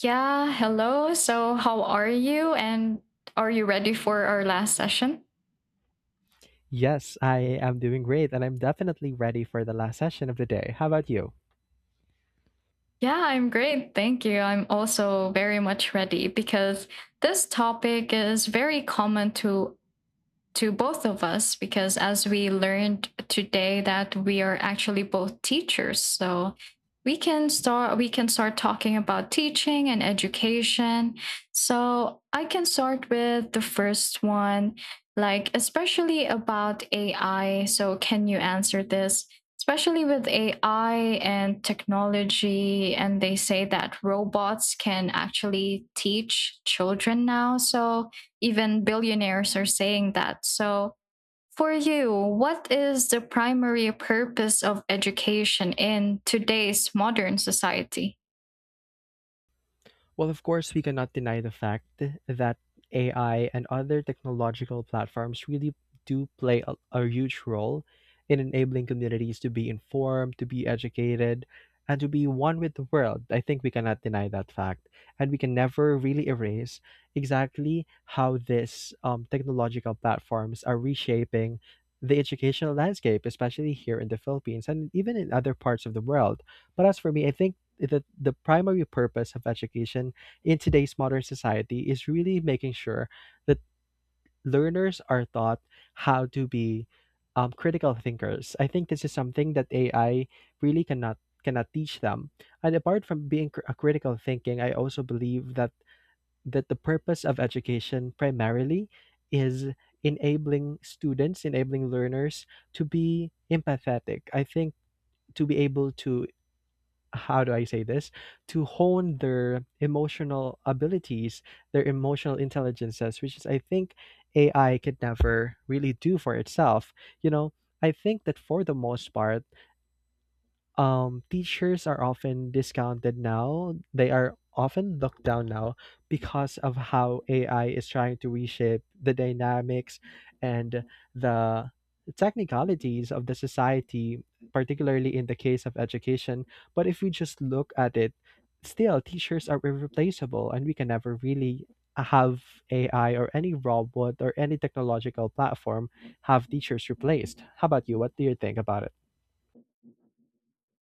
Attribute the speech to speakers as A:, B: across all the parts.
A: Yeah, hello. So, how are you? And are you ready for our last session?
B: Yes, I am doing great, and I'm definitely ready for the last session of the day. How about you?
A: Yeah, I'm great. Thank you. I'm also very much ready because this topic is very common to both of us because as we learned today that we are actually both teachers, so we can start talking about teaching and education. So I can start with the first one, like especially about AI. So can you answer this, especially with AI and technology? And they say that robots can actually teach children now, so even billionaires are saying that. So, for you, what is the primary purpose of education in today's modern society?
B: Well, of course, we cannot deny the fact that AI and other technological platforms really do play a huge role in enabling communities to be informed, to be educated, and to be one with the world. I think we cannot deny that fact. And we can never really erase exactly how these technological platforms are reshaping the educational landscape, especially here in the Philippines and even in other parts of the world. But as for me, I think that the primary purpose of education in today's modern society is really making sure that learners are taught how to be critical thinkers. I think this is something that AI really cannot teach them. And apart from being cr- a critical thinking, I also believe that the purpose of education primarily is enabling students, enabling learners to be empathetic. I think to be able to, how do I say this, to hone their emotional abilities, their emotional intelligences, which is, I think, AI could never really do for itself. You know, I think that for the most part, teachers are often discounted now. They are often looked down now because of how AI is trying to reshape the dynamics and the technicalities of the society, particularly in the case of education. But if we just look at it, still, teachers are irreplaceable and we can never really have AI or any robot or any technological platform have teachers replaced. How about you? What do you think about it?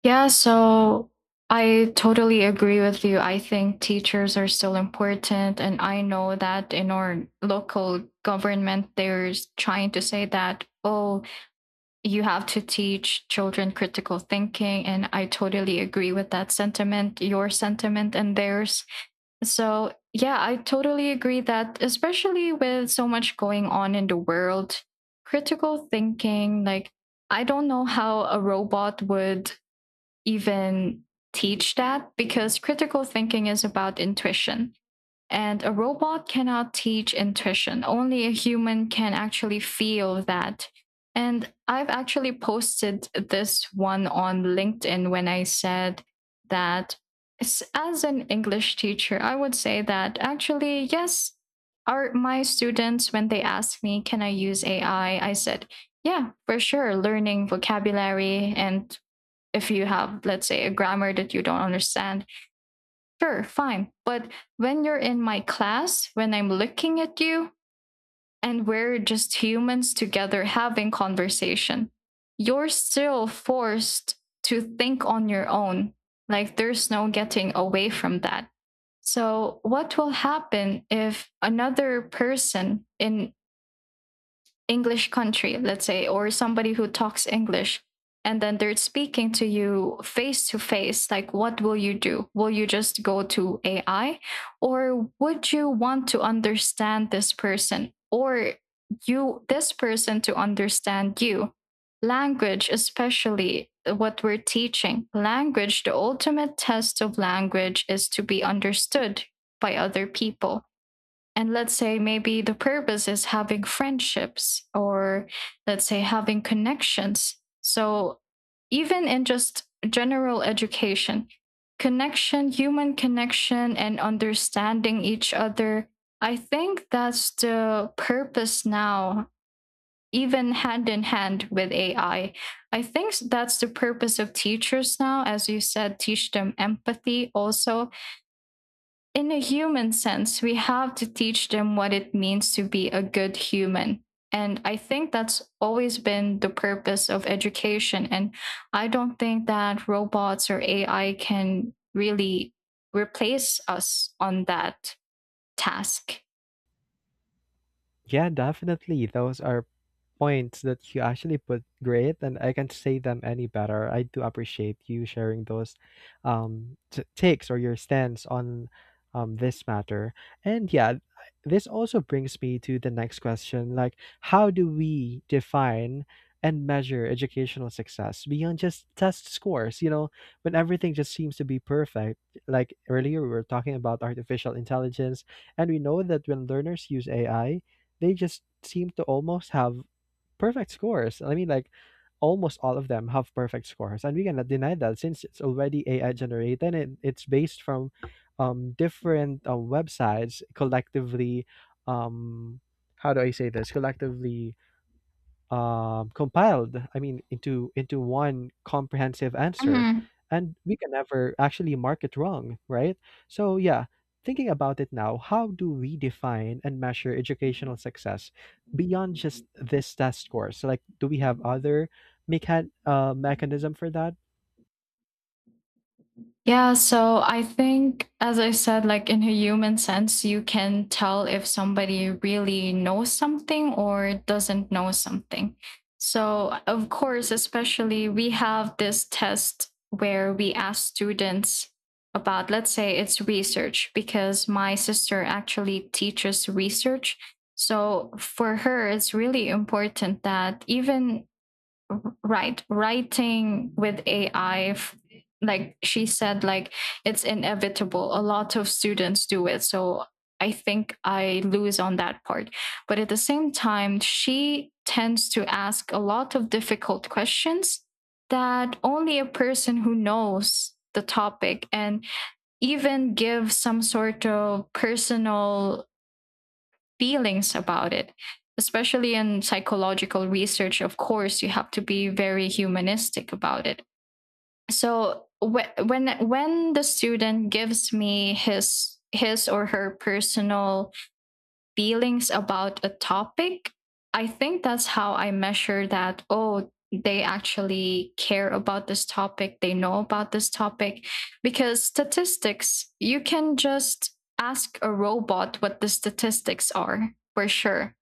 A: Yeah, so I totally agree with you. I think teachers are still important. And I know that in our local government, they're trying to say that, oh, you have to teach children critical thinking. And I totally agree with that sentiment, your sentiment and theirs. So, yeah, I totally agree that, especially with so much going on in the world, critical thinking, like, I don't know how a robot would even teach that, because critical thinking is about intuition. And a robot cannot teach intuition. Only a human can actually feel that. And I've actually posted this one on LinkedIn when I said that as an English teacher, I would say that actually, yes, are my students, when they ask me, can I use AI? I said, yeah, for sure. Learning vocabulary, and if you have, let's say, a grammar that you don't understand, sure, fine. But when you're in my class, when I'm looking at you and we're just humans together having conversation, you're still forced to think on your own. Like there's no getting away from that. So, what will happen if another person in English country, let's say, or somebody who talks English, and then they're speaking to you face to face, like what will you do? Will you just go to AI? Or would you want to understand this person, or you this person to understand you? Language, especially what we're teaching. Language, the ultimate test of language is to be understood by other people, and let's say maybe the purpose is having friendships, or let's say having connections. So even in just general education, connection, human connection and understanding each other, I think that's the purpose now, even hand in hand with AI. I think that's the purpose of teachers now. As you said, teach them empathy also, in a human sense. We have to teach them what it means to be a good human. And I think that's always been the purpose of education. And I don't think that robots or AI can really replace us on that task.
B: Yeah, definitely. Those are points that you actually put great, and I can't say them any better. I do appreciate you sharing those takes or your stance on this matter. And yeah, this also brings me to the next question, like, how do we define and measure educational success beyond just test scores? You know, when everything just seems to be perfect, like earlier we were talking about artificial intelligence, and we know that when learners use AI, they just seem to almost have perfect scores. I mean, like almost all of them have perfect scores, and we cannot deny that since it's already AI generated and it's based from different websites collectively. Um, how do I say this? Collectively compiled, I mean, into one comprehensive answer,
A: Mm-hmm.
B: and we can never actually mark it wrong, right? So yeah, thinking about it now, how do we define and measure educational success beyond just this test score? So like, do we have other mechanism for that?
A: Yeah, so I think, as I said, like in a human sense, you can tell if somebody really knows something or doesn't know something. So, of course, especially we have this test where we ask students about, let's say it's research, because my sister actually teaches research. So, for her, it's really important that even right writing with AI, like she said, like it's inevitable, a lot of students do it, so I think I lose on that part. But at the same time, she tends to ask a lot of difficult questions that only a person who knows the topic and even give some sort of personal feelings about it. Especially in psychological research, of course, you have to be very humanistic about it. So when the student gives me his or her personal feelings about a topic, I think that's how I measure that. Oh, they actually care about this topic, they know about this topic. Because statistics, you can just ask a robot what the statistics are, for sure.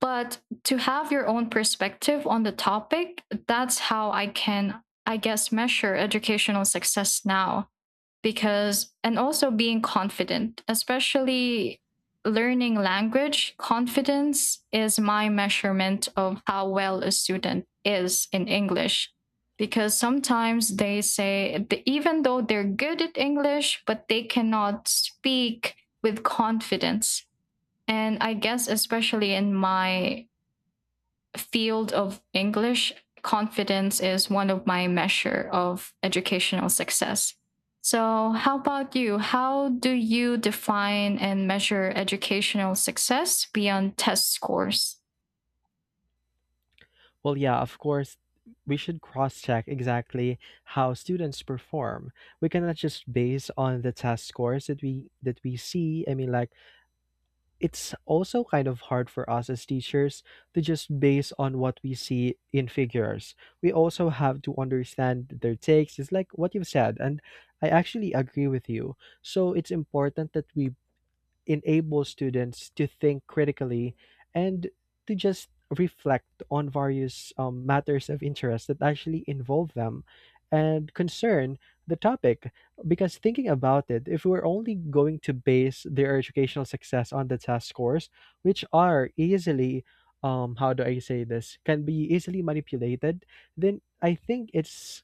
A: But to have your own perspective on the topic, that's how I can, I guess, measure educational success now. Because, and also being confident, especially learning language, confidence is my measurement of how well a student is in English. Because sometimes they say even though they're good at English, but they cannot speak with confidence. And I guess especially in my field of English, confidence is one of my measure of educational success. So, how about you? How do you define and measure educational success beyond test scores?
B: Well, yeah, of course, we should cross check exactly how students perform. We cannot just base on the test scores that we see. I mean, like it's also kind of hard for us as teachers to just base on what we see in figures. We also have to understand their takes. It's like what you've said, and I actually agree with you. So it's important that we enables students to think critically and to just reflect on various matters of interest that actually involve them and concern the topic. Because thinking about it, if we're only going to base their educational success on the test scores, which are easily, how do I say this, can be easily manipulated, then I think it's,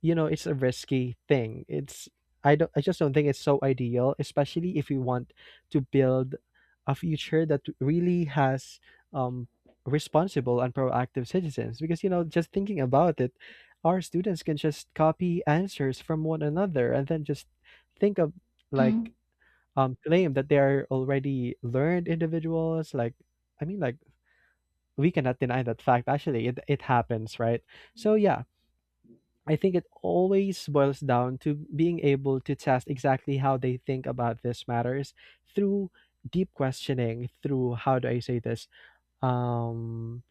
B: you know, it's a risky thing. It's, I don't, I just don't think it's so ideal, especially if you want to build a future that really has um responsible and proactive citizens, because you know, just thinking about it, our students can just copy answers from one another and then just think of, like,
A: Mm.
B: claim that they are already learned individuals. Like, I mean, like we cannot deny that fact. Actually it happens, right? So yeah, I think it always boils down to being able to test exactly how they think about these matters through deep questioning, through, how do I say this? Um,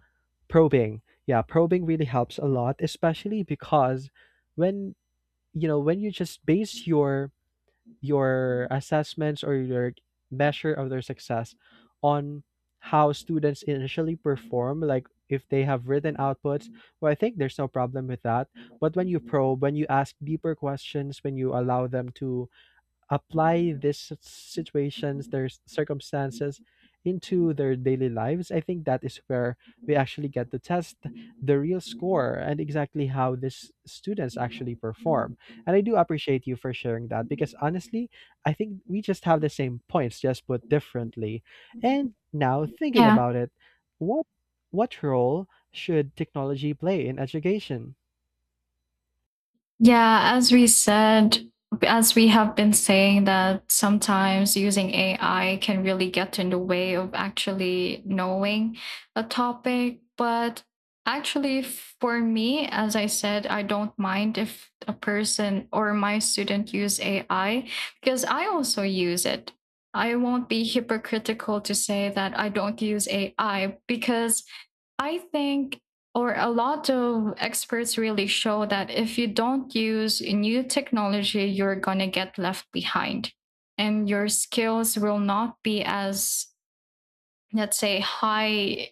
B: Probing. Yeah, probing really helps a lot, especially because when, you know, when you just base your assessments or your measure of their success on how students initially perform, like if they have written outputs, well I think there's no problem with that. But when you probe, when you ask deeper questions, when you allow them to apply these situations, their circumstances into their daily lives, I think that is where we actually get to test the real score and exactly how these students actually perform. And I do appreciate you for sharing that because honestly, I think we just have the same points, just put differently. And now thinking
A: Yeah,
B: about it, what what role should technology play in education?
A: Yeah, as we said, as we have been saying, that sometimes using AI can really get in the way of actually knowing a topic. But actually, for me, as I said, I don't mind if a person or my student use AI, because I also use it. I won't be hypocritical to say that I don't use AI, because I think, or a lot of experts really show that if you don't use new technology, you're going to get left behind and your skills will not be as, let's say, high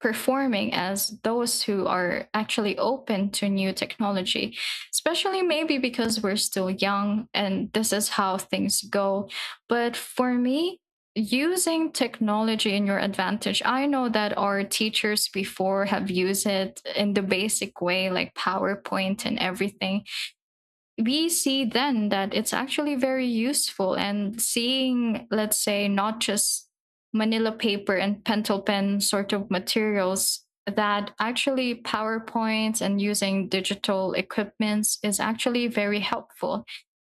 A: performing as those who are actually open to new technology. Especially maybe because we're still young and this is how things go. But for me, using technology in your advantage, I know that our teachers before have used it in the basic way, like PowerPoint and everything. We see then that it's actually very useful, and seeing, let's say, not just manila paper and pentel pen sort of materials, that actually PowerPoints and using digital equipments is actually very helpful.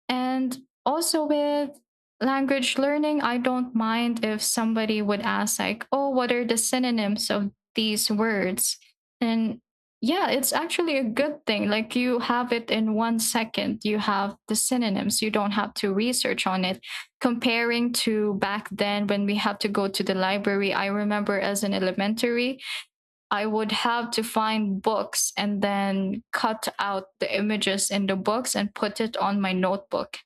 A: And also with language learning, I don't mind if somebody would ask, like, oh, what are the synonyms of these words? And yeah, it's actually a good thing. Like you have it in one second, you have the synonyms, you don't have to research on it. Comparing to back then when we had to go to the library, I remember as an elementary, I would have to find books and then cut out the images in the books and put it on my notebook.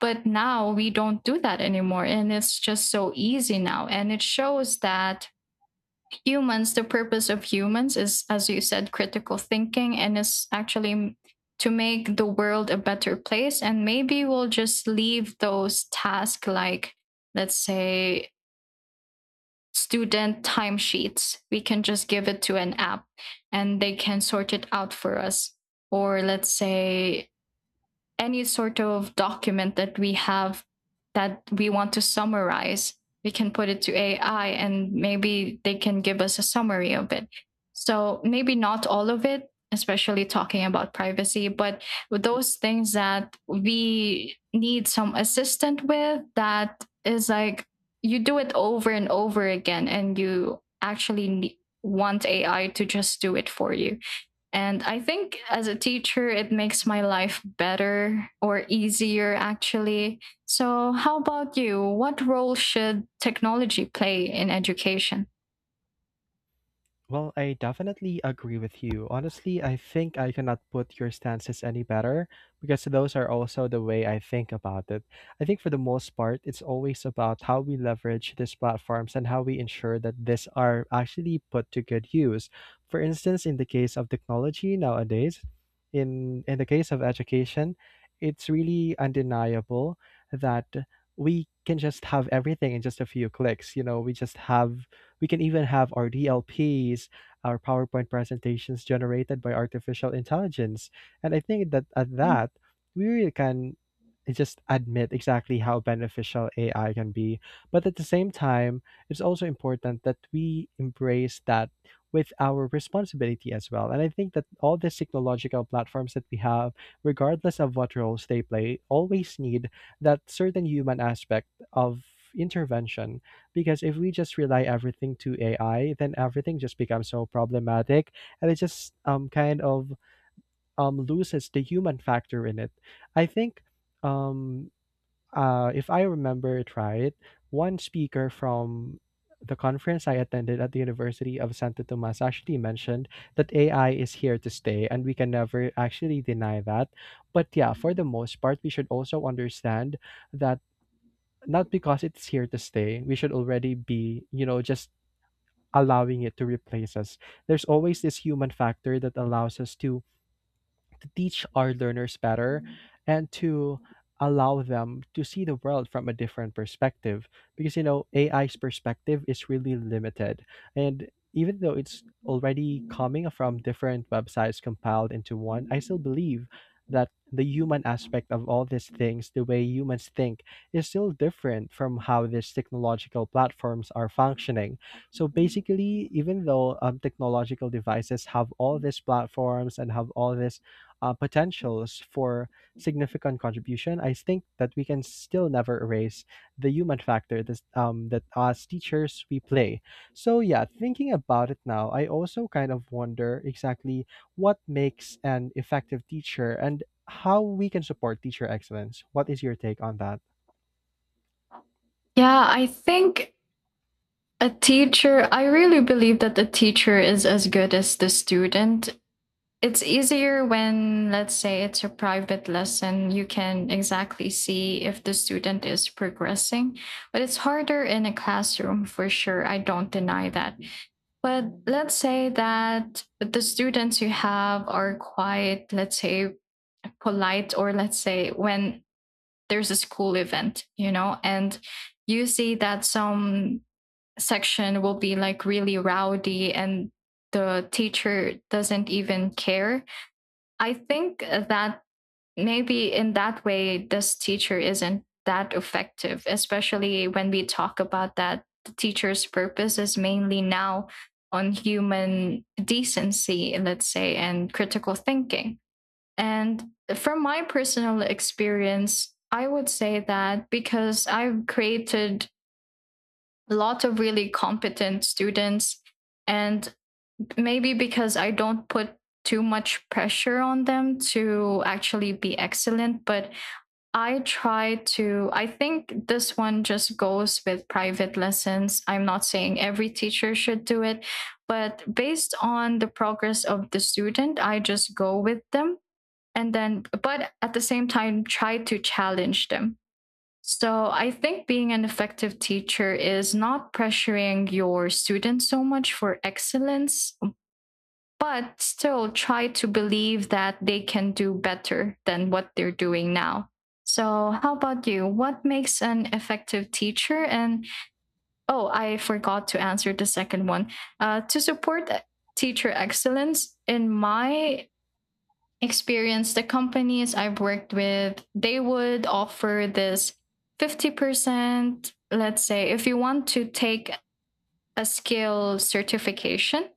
A: But now we don't do that anymore. And it's just so easy now. And it shows that humans, the purpose of humans is, as you said, critical thinking, and is actually to make the world a better place. And maybe we'll just leave those tasks, like, let's say, student timesheets. We can just give it to an app and they can sort it out for us. Or let's say any sort of document that we have that we want to summarize, we can put it to AI and maybe they can give us a summary of it. So maybe not all of it, especially talking about privacy, but those things that we need some assistant with, that is like you do it over and over again and you actually want AI to just do it for you. And I think as a teacher, it makes my life better or easier, actually. So, how about you? What role should technology play in education?
B: Well, I definitely agree with you. Honestly, I think I cannot put your stances any better because those are also the way I think about it. I think for the most part, it's always about how we leverage these platforms and how we ensure that these are actually put to good use. For instance, in the case of technology nowadays, in the case of education, it's really undeniable that we can just have everything in just a few clicks. You know, we just have, we can even have our DLPs, our PowerPoint presentations generated by artificial intelligence. And I think that at
A: Mm.
B: that, we really can just admit exactly how beneficial AI can be. But at the same time, it's also important that we embrace that with our responsibility as well. And I think that all these technological platforms that we have, regardless of what roles they play, always need that certain human aspect of intervention. Because if we just rely everything to AI, then everything just becomes so problematic, and it just kind of loses the human factor in it. I think um if I remember it right, one speaker from the conference I attended at the University of Santo Tomas actually mentioned that AI is here to stay, and we can never actually deny that. But yeah, for the most part, we should also understand that not because it's here to stay, we should already be, you know, just allowing it to replace us. There's always this human factor that allows us to teach our learners better and to allow them to see the world from a different perspective, because you know AI's perspective is really limited. And even though it's already coming from different websites compiled into one, I still believe that the human aspect of all these things, the way humans think, is still different from how these technological platforms are functioning. So basically, even though technological devices have all these platforms and have all this potentials for significant contribution, I think that we can still never erase the human factor, that as teachers we play. So, yeah, thinking about it now, I also kind of wonder exactly what makes an effective teacher and how we can support teacher excellence. What is your take on that?
A: Yeah, I think a teacher, I really believe that the teacher is as good as the student. It's easier when, let's say, it's a private lesson, you can exactly see if the student is progressing. But it's harder in a classroom, for sure, I don't deny that. But let's say that the students you have are quite, let's say, polite, or let's say when there's a school event, you know, and you see that some section will be like really rowdy and the teacher doesn't even care. I think that maybe in that way, this teacher isn't that effective, especially when we talk about that the teacher's purpose is mainly now on human decency, let's say, and critical thinking. And from my personal experience, I would say that because I've created a lot of really competent students, and maybe because I don't put too much pressure on them to actually be excellent, but I try to. I think this one just goes with private lessons. I'm not saying every teacher should do it, but based on the progress of the student, I just go with them. And then, but at the same time, try to challenge them. So I think being an effective teacher is not pressuring your students so much for excellence, but still try to believe that they can do better than what they're doing now. So, how about you? What makes an effective teacher? And oh, I forgot to answer the second one. To support teacher excellence, in my experience, the companies I've worked with, they would offer this 50%. Let's say if you want to take a skill certification,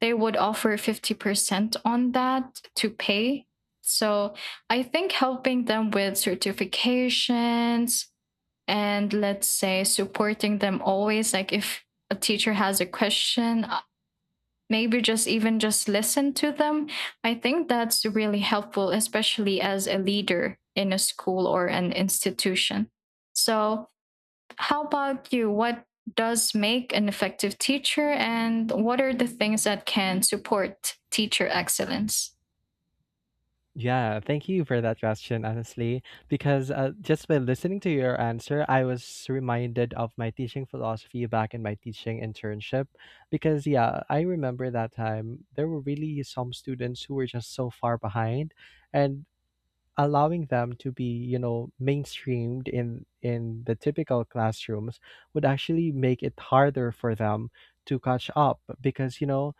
A: they would offer 50% on that to pay. So I think helping them with certifications, and let's say supporting them always, like if a teacher has a question, maybe just even just listen to them. I think that's really helpful, especially as a leader in a school or an institution. So how about you? What does make an effective teacher, and what are the things that can support teacher excellence?
B: Yeah, thank you for that question, honestly, because just by listening to your answer, I was reminded of my teaching philosophy back in my teaching internship. Because, yeah, I remember that time there were really some students who were just so far behind. And allowing them to be, you know, mainstreamed in the typical classrooms would actually make it harder for them to catch up, because you know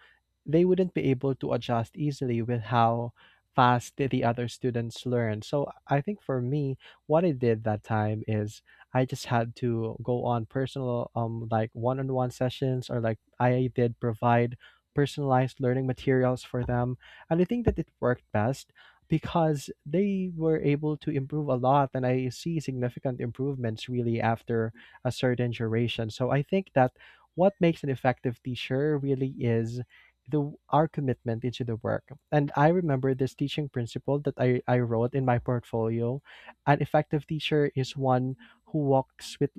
B: they wouldn't be able to adjust easily with how fast the other students learn. So I think for me, what I did that time is I just had to go on personal, like, one-on-one sessions, or like I did provide personalized learning materials for them. And I think that it worked best because they were able to improve a lot, and I see significant improvements really after a certain duration. So I think that what makes an effective teacher really is the our commitment into the work. And I remember this teaching principle that I wrote in my portfolio. An effective teacher is one who walks with,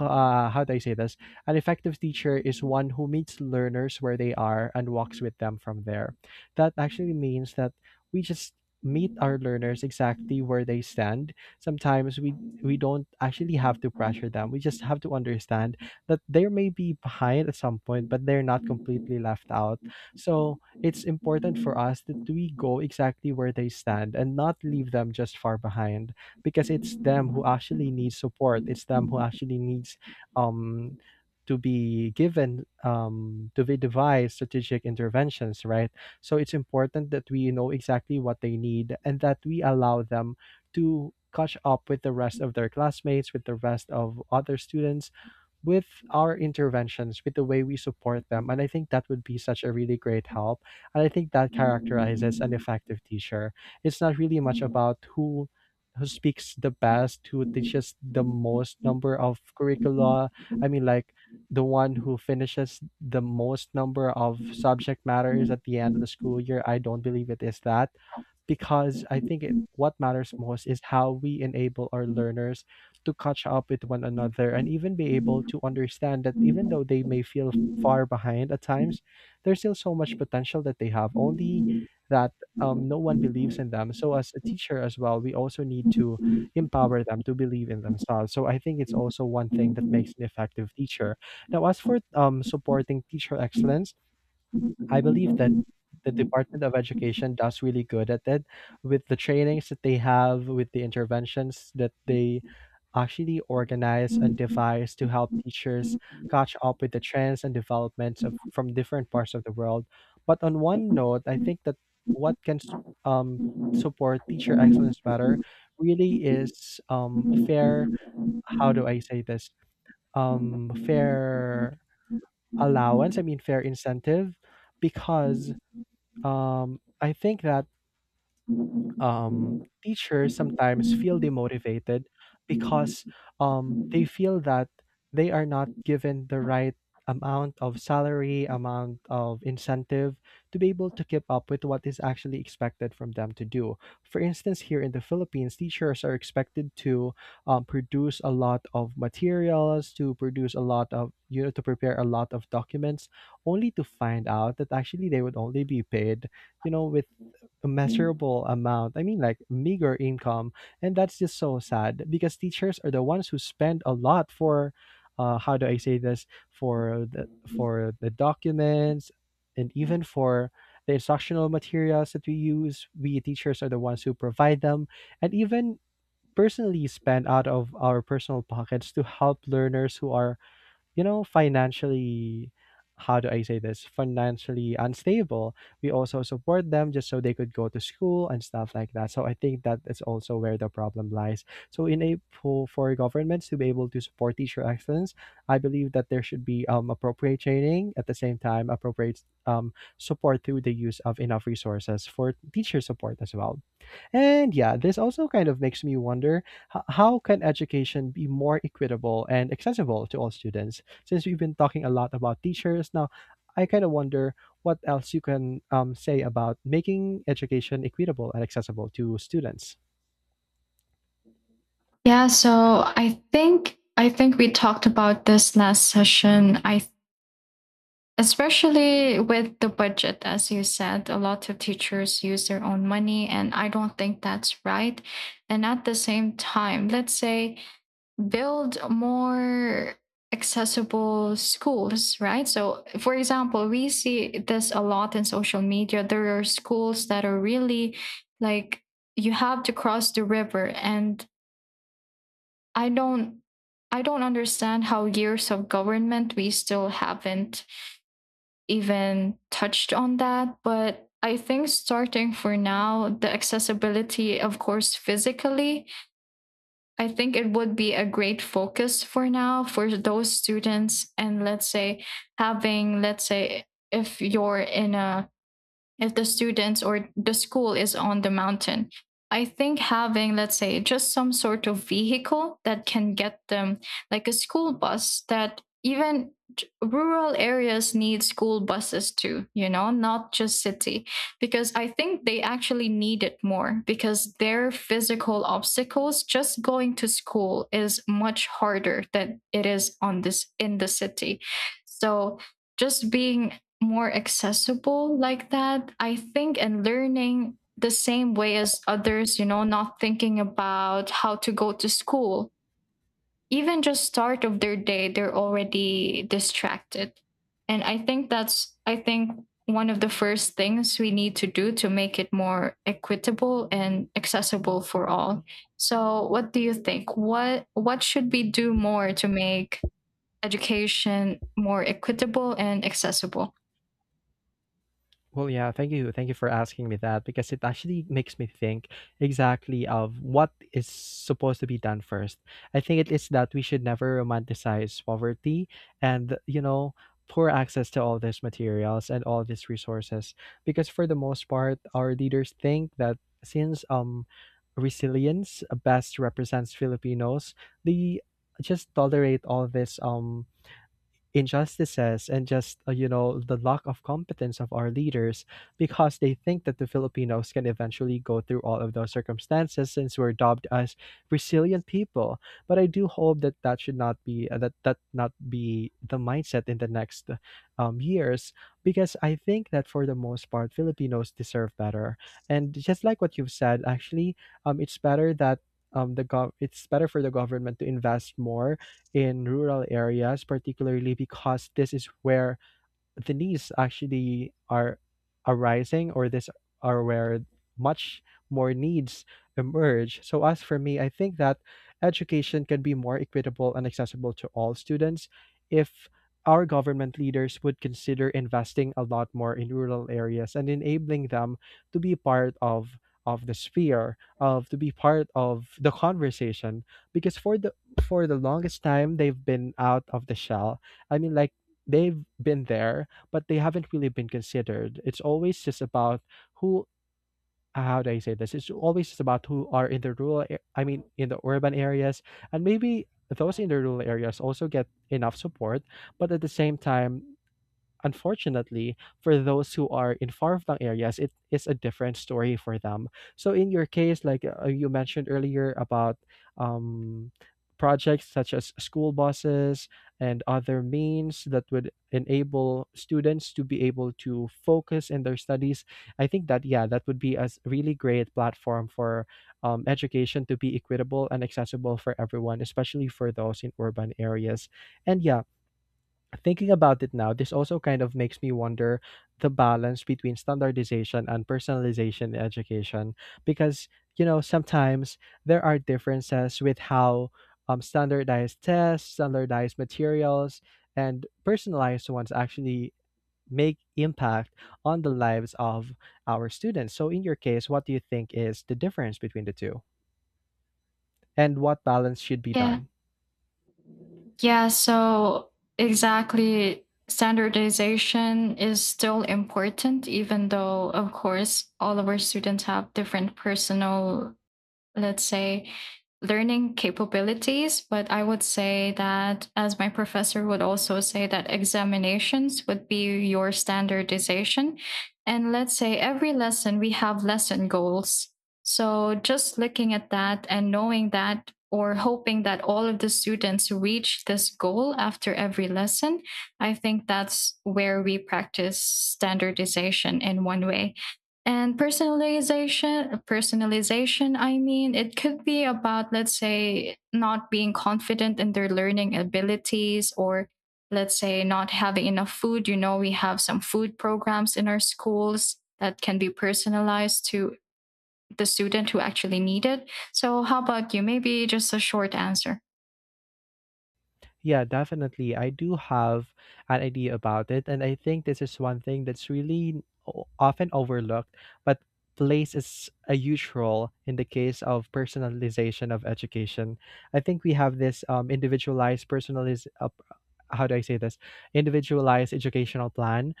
B: how do I say this, an effective teacher is one who meets learners where they are and walks with them from there. That actually means that we just meet our learners exactly where they stand. Sometimes we, don't actually have to pressure them, we just have to understand that they may be behind at some point, but they're not completely left out. So it's important for us that we go exactly where they stand and not leave them just far behind, because it's them who actually needs support, it's them who actually needs um to be given, to be devised strategic interventions, right? So it's important that we know exactly what they need and that we allow them to catch up with the rest of their classmates, with the rest of other students, with our interventions, with the way we support them. And I think that would be such a really great help. And I think that characterizes an effective teacher. It's not really much about who speaks the best, who teaches the most number of curricula. I mean, like the one who finishes the most number of subject matters at the end of the school year. I don't believe it is that because What matters most is how we enable our learners to catch up with one another and even be able to understand that even though they may feel far behind at times, there's still so much potential that they have, only that no one believes in them. So, as a teacher as well, we also need to empower them to believe in themselves. So, I think it's also one thing that makes an effective teacher. Now, as for supporting teacher excellence, I believe that the Department of Education does really good at it with the trainings that they have, with the interventions that they actually organize and devise to help teachers catch up with the trends and developments of from different parts of the world. But on one note, I think that what can s- um, support teacher excellence better really is fair. How do I say this? Fair allowance. I mean, fair incentive, because I think that teachers sometimes feel demotivated because they feel that they are not given the right amount of salary, amount of incentive to be able to keep up with what is actually expected from them to do. For instance, here in the Philippines, teachers are expected to produce a lot of materials, to produce a lot of, you know, to prepare a lot of documents, only to find out that actually they would only be paid, you know, with immeasurable amount. I mean, like meager income. And that's just so sad because teachers are the ones who spend a lot for, how do I say this, for the documents and even for the instructional materials that we use. We teachers are the ones who provide them, and even personally spend out of our personal pockets to help learners who are, you know, financially, how do I say this? Financially unstable. We also support them just so they could go to school and stuff like that. So I think that is also where the problem lies. So for governments to be able to support teacher excellence, I believe that there should be appropriate training at the same time, appropriate support through the use of enough resources for teacher support as well. And yeah, this also kind of makes me wonder how can education be more equitable and accessible to all students? Since we've been talking a lot about teachers, now I kind of wonder what else you can say about making education equitable and accessible to students.
A: Yeah, so I think we talked about this last session. I, especially with the budget, as you said, a lot of teachers use their own money and I don't think that's right. And at the same time, let's say build more accessible schools, right? So, for example, we see this a lot in social media. There are schools that are really, like, you have to cross the river, and I don't I don't understand how years of government we still haven't even touched on that. But I think starting for now, the accessibility, of course, physically, I think it would be a great focus for now for those students. And let's say, having, let's say, if you're in a, if the students or the school is on the mountain. I think having, let's say, just some sort of vehicle that can get them, like a school bus, that even rural areas need school buses too, you know, not just city, because I think they actually need it more because their physical obstacles just going to school is much harder than it is on this in the city. So just being more accessible like that, I think, and learning the same way as others, you know, not thinking about how to go to school. Even just start of their day, they're already distracted. And I think that's, I think, one of the first things we need to do to make it more equitable and accessible for all. So, what do you think? What should we do more to make education more equitable and accessible?
B: Well, yeah, thank you. Thank you for asking me that because it actually makes me think exactly of what is supposed to be done first. I think it is that we should never romanticize poverty and, you know, poor access to all these materials and all these resources, because for the most part our leaders think that since resilience best represents Filipinos, they just tolerate all this injustices and just, you know, the lack of competence of our leaders, because they think that the Filipinos can eventually go through all of those circumstances since we're dubbed as resilient people. But I do hope that that should not be, that not be the mindset in the next years, because I think that for the most part Filipinos deserve better. And just like what you've said, actually, it's better that it's better for the government to invest more in rural areas, particularly because this is where the needs actually are arising, or this are where much more needs emerge. So as for me, I think that education can be more equitable and accessible to all students if our government leaders would consider investing a lot more in rural areas and enabling them to be part of the sphere of, to be part of the conversation, because for the longest time they've been out of the shell. I mean, like, they've been there but they haven't really been considered. It's always just about who how do I say this? It's always just about who are in the I mean in the urban areas, and maybe those in the rural areas also get enough support, but at the same time, unfortunately, for those who are in far-flung areas, it is a different story for them. So in your case, like, you mentioned earlier about um, projects such as school buses and other means that would enable students to be able to focus in their studies, I think that, yeah, that would be a really great platform for education to be equitable and accessible for everyone, especially for those in urban areas. And yeah, thinking about it now, this also kind of makes me wonder the balance between standardization and personalization in education, because, you know, sometimes there are differences with how standardized tests, standardized materials, and personalized ones actually make impact on the lives of our students. So in your case, what do you think is the difference between the two? And what balance should be
A: Yeah,
B: done?
A: Yeah, so exactly. Standardization is still important, even though, of course, all of our students have different personal, let's say, learning capabilities. But I would say that, as my professor would also say, that examinations would be your standardization. And let's say every lesson we have lesson goals, so just looking at that and knowing that, or hoping that all of the students reach this goal after every lesson, I think that's where we practice standardization in one way. And personalization, I mean, it could be about, let's say, not being confident in their learning abilities, or let's say not having enough food. You know, we have some food programs in our schools that can be personalized to the student who actually need it. So how about you? Maybe just a short answer.
B: Yeah, definitely. I do have an idea about it. And I think this is one thing that's really often overlooked, but place is a huge role in the case of personalization of education. I think we have this individualized personalized, how do I say this? Individualized educational plan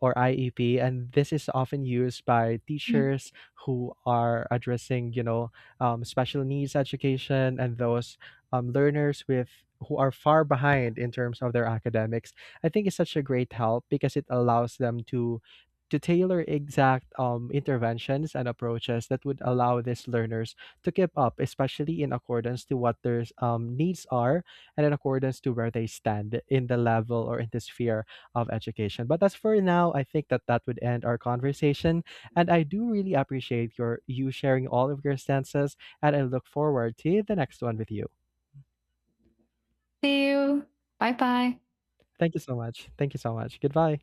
B: or IEP, and this is often used by
A: Mm.
B: teachers who are addressing, you know, special needs education and those learners with who are far behind in terms of their academics. I think it's such a great help because it allows them to tailor exact interventions and approaches that would allow these learners to keep up, especially in accordance to what their needs are and in accordance to where they stand in the level or in the sphere of education. But as for now, I think that that would end our conversation. And I do really appreciate you sharing all of your stances, and I look forward to the next one with you.
A: See you. Bye bye.
B: Thank you so much. Thank you so much. Goodbye.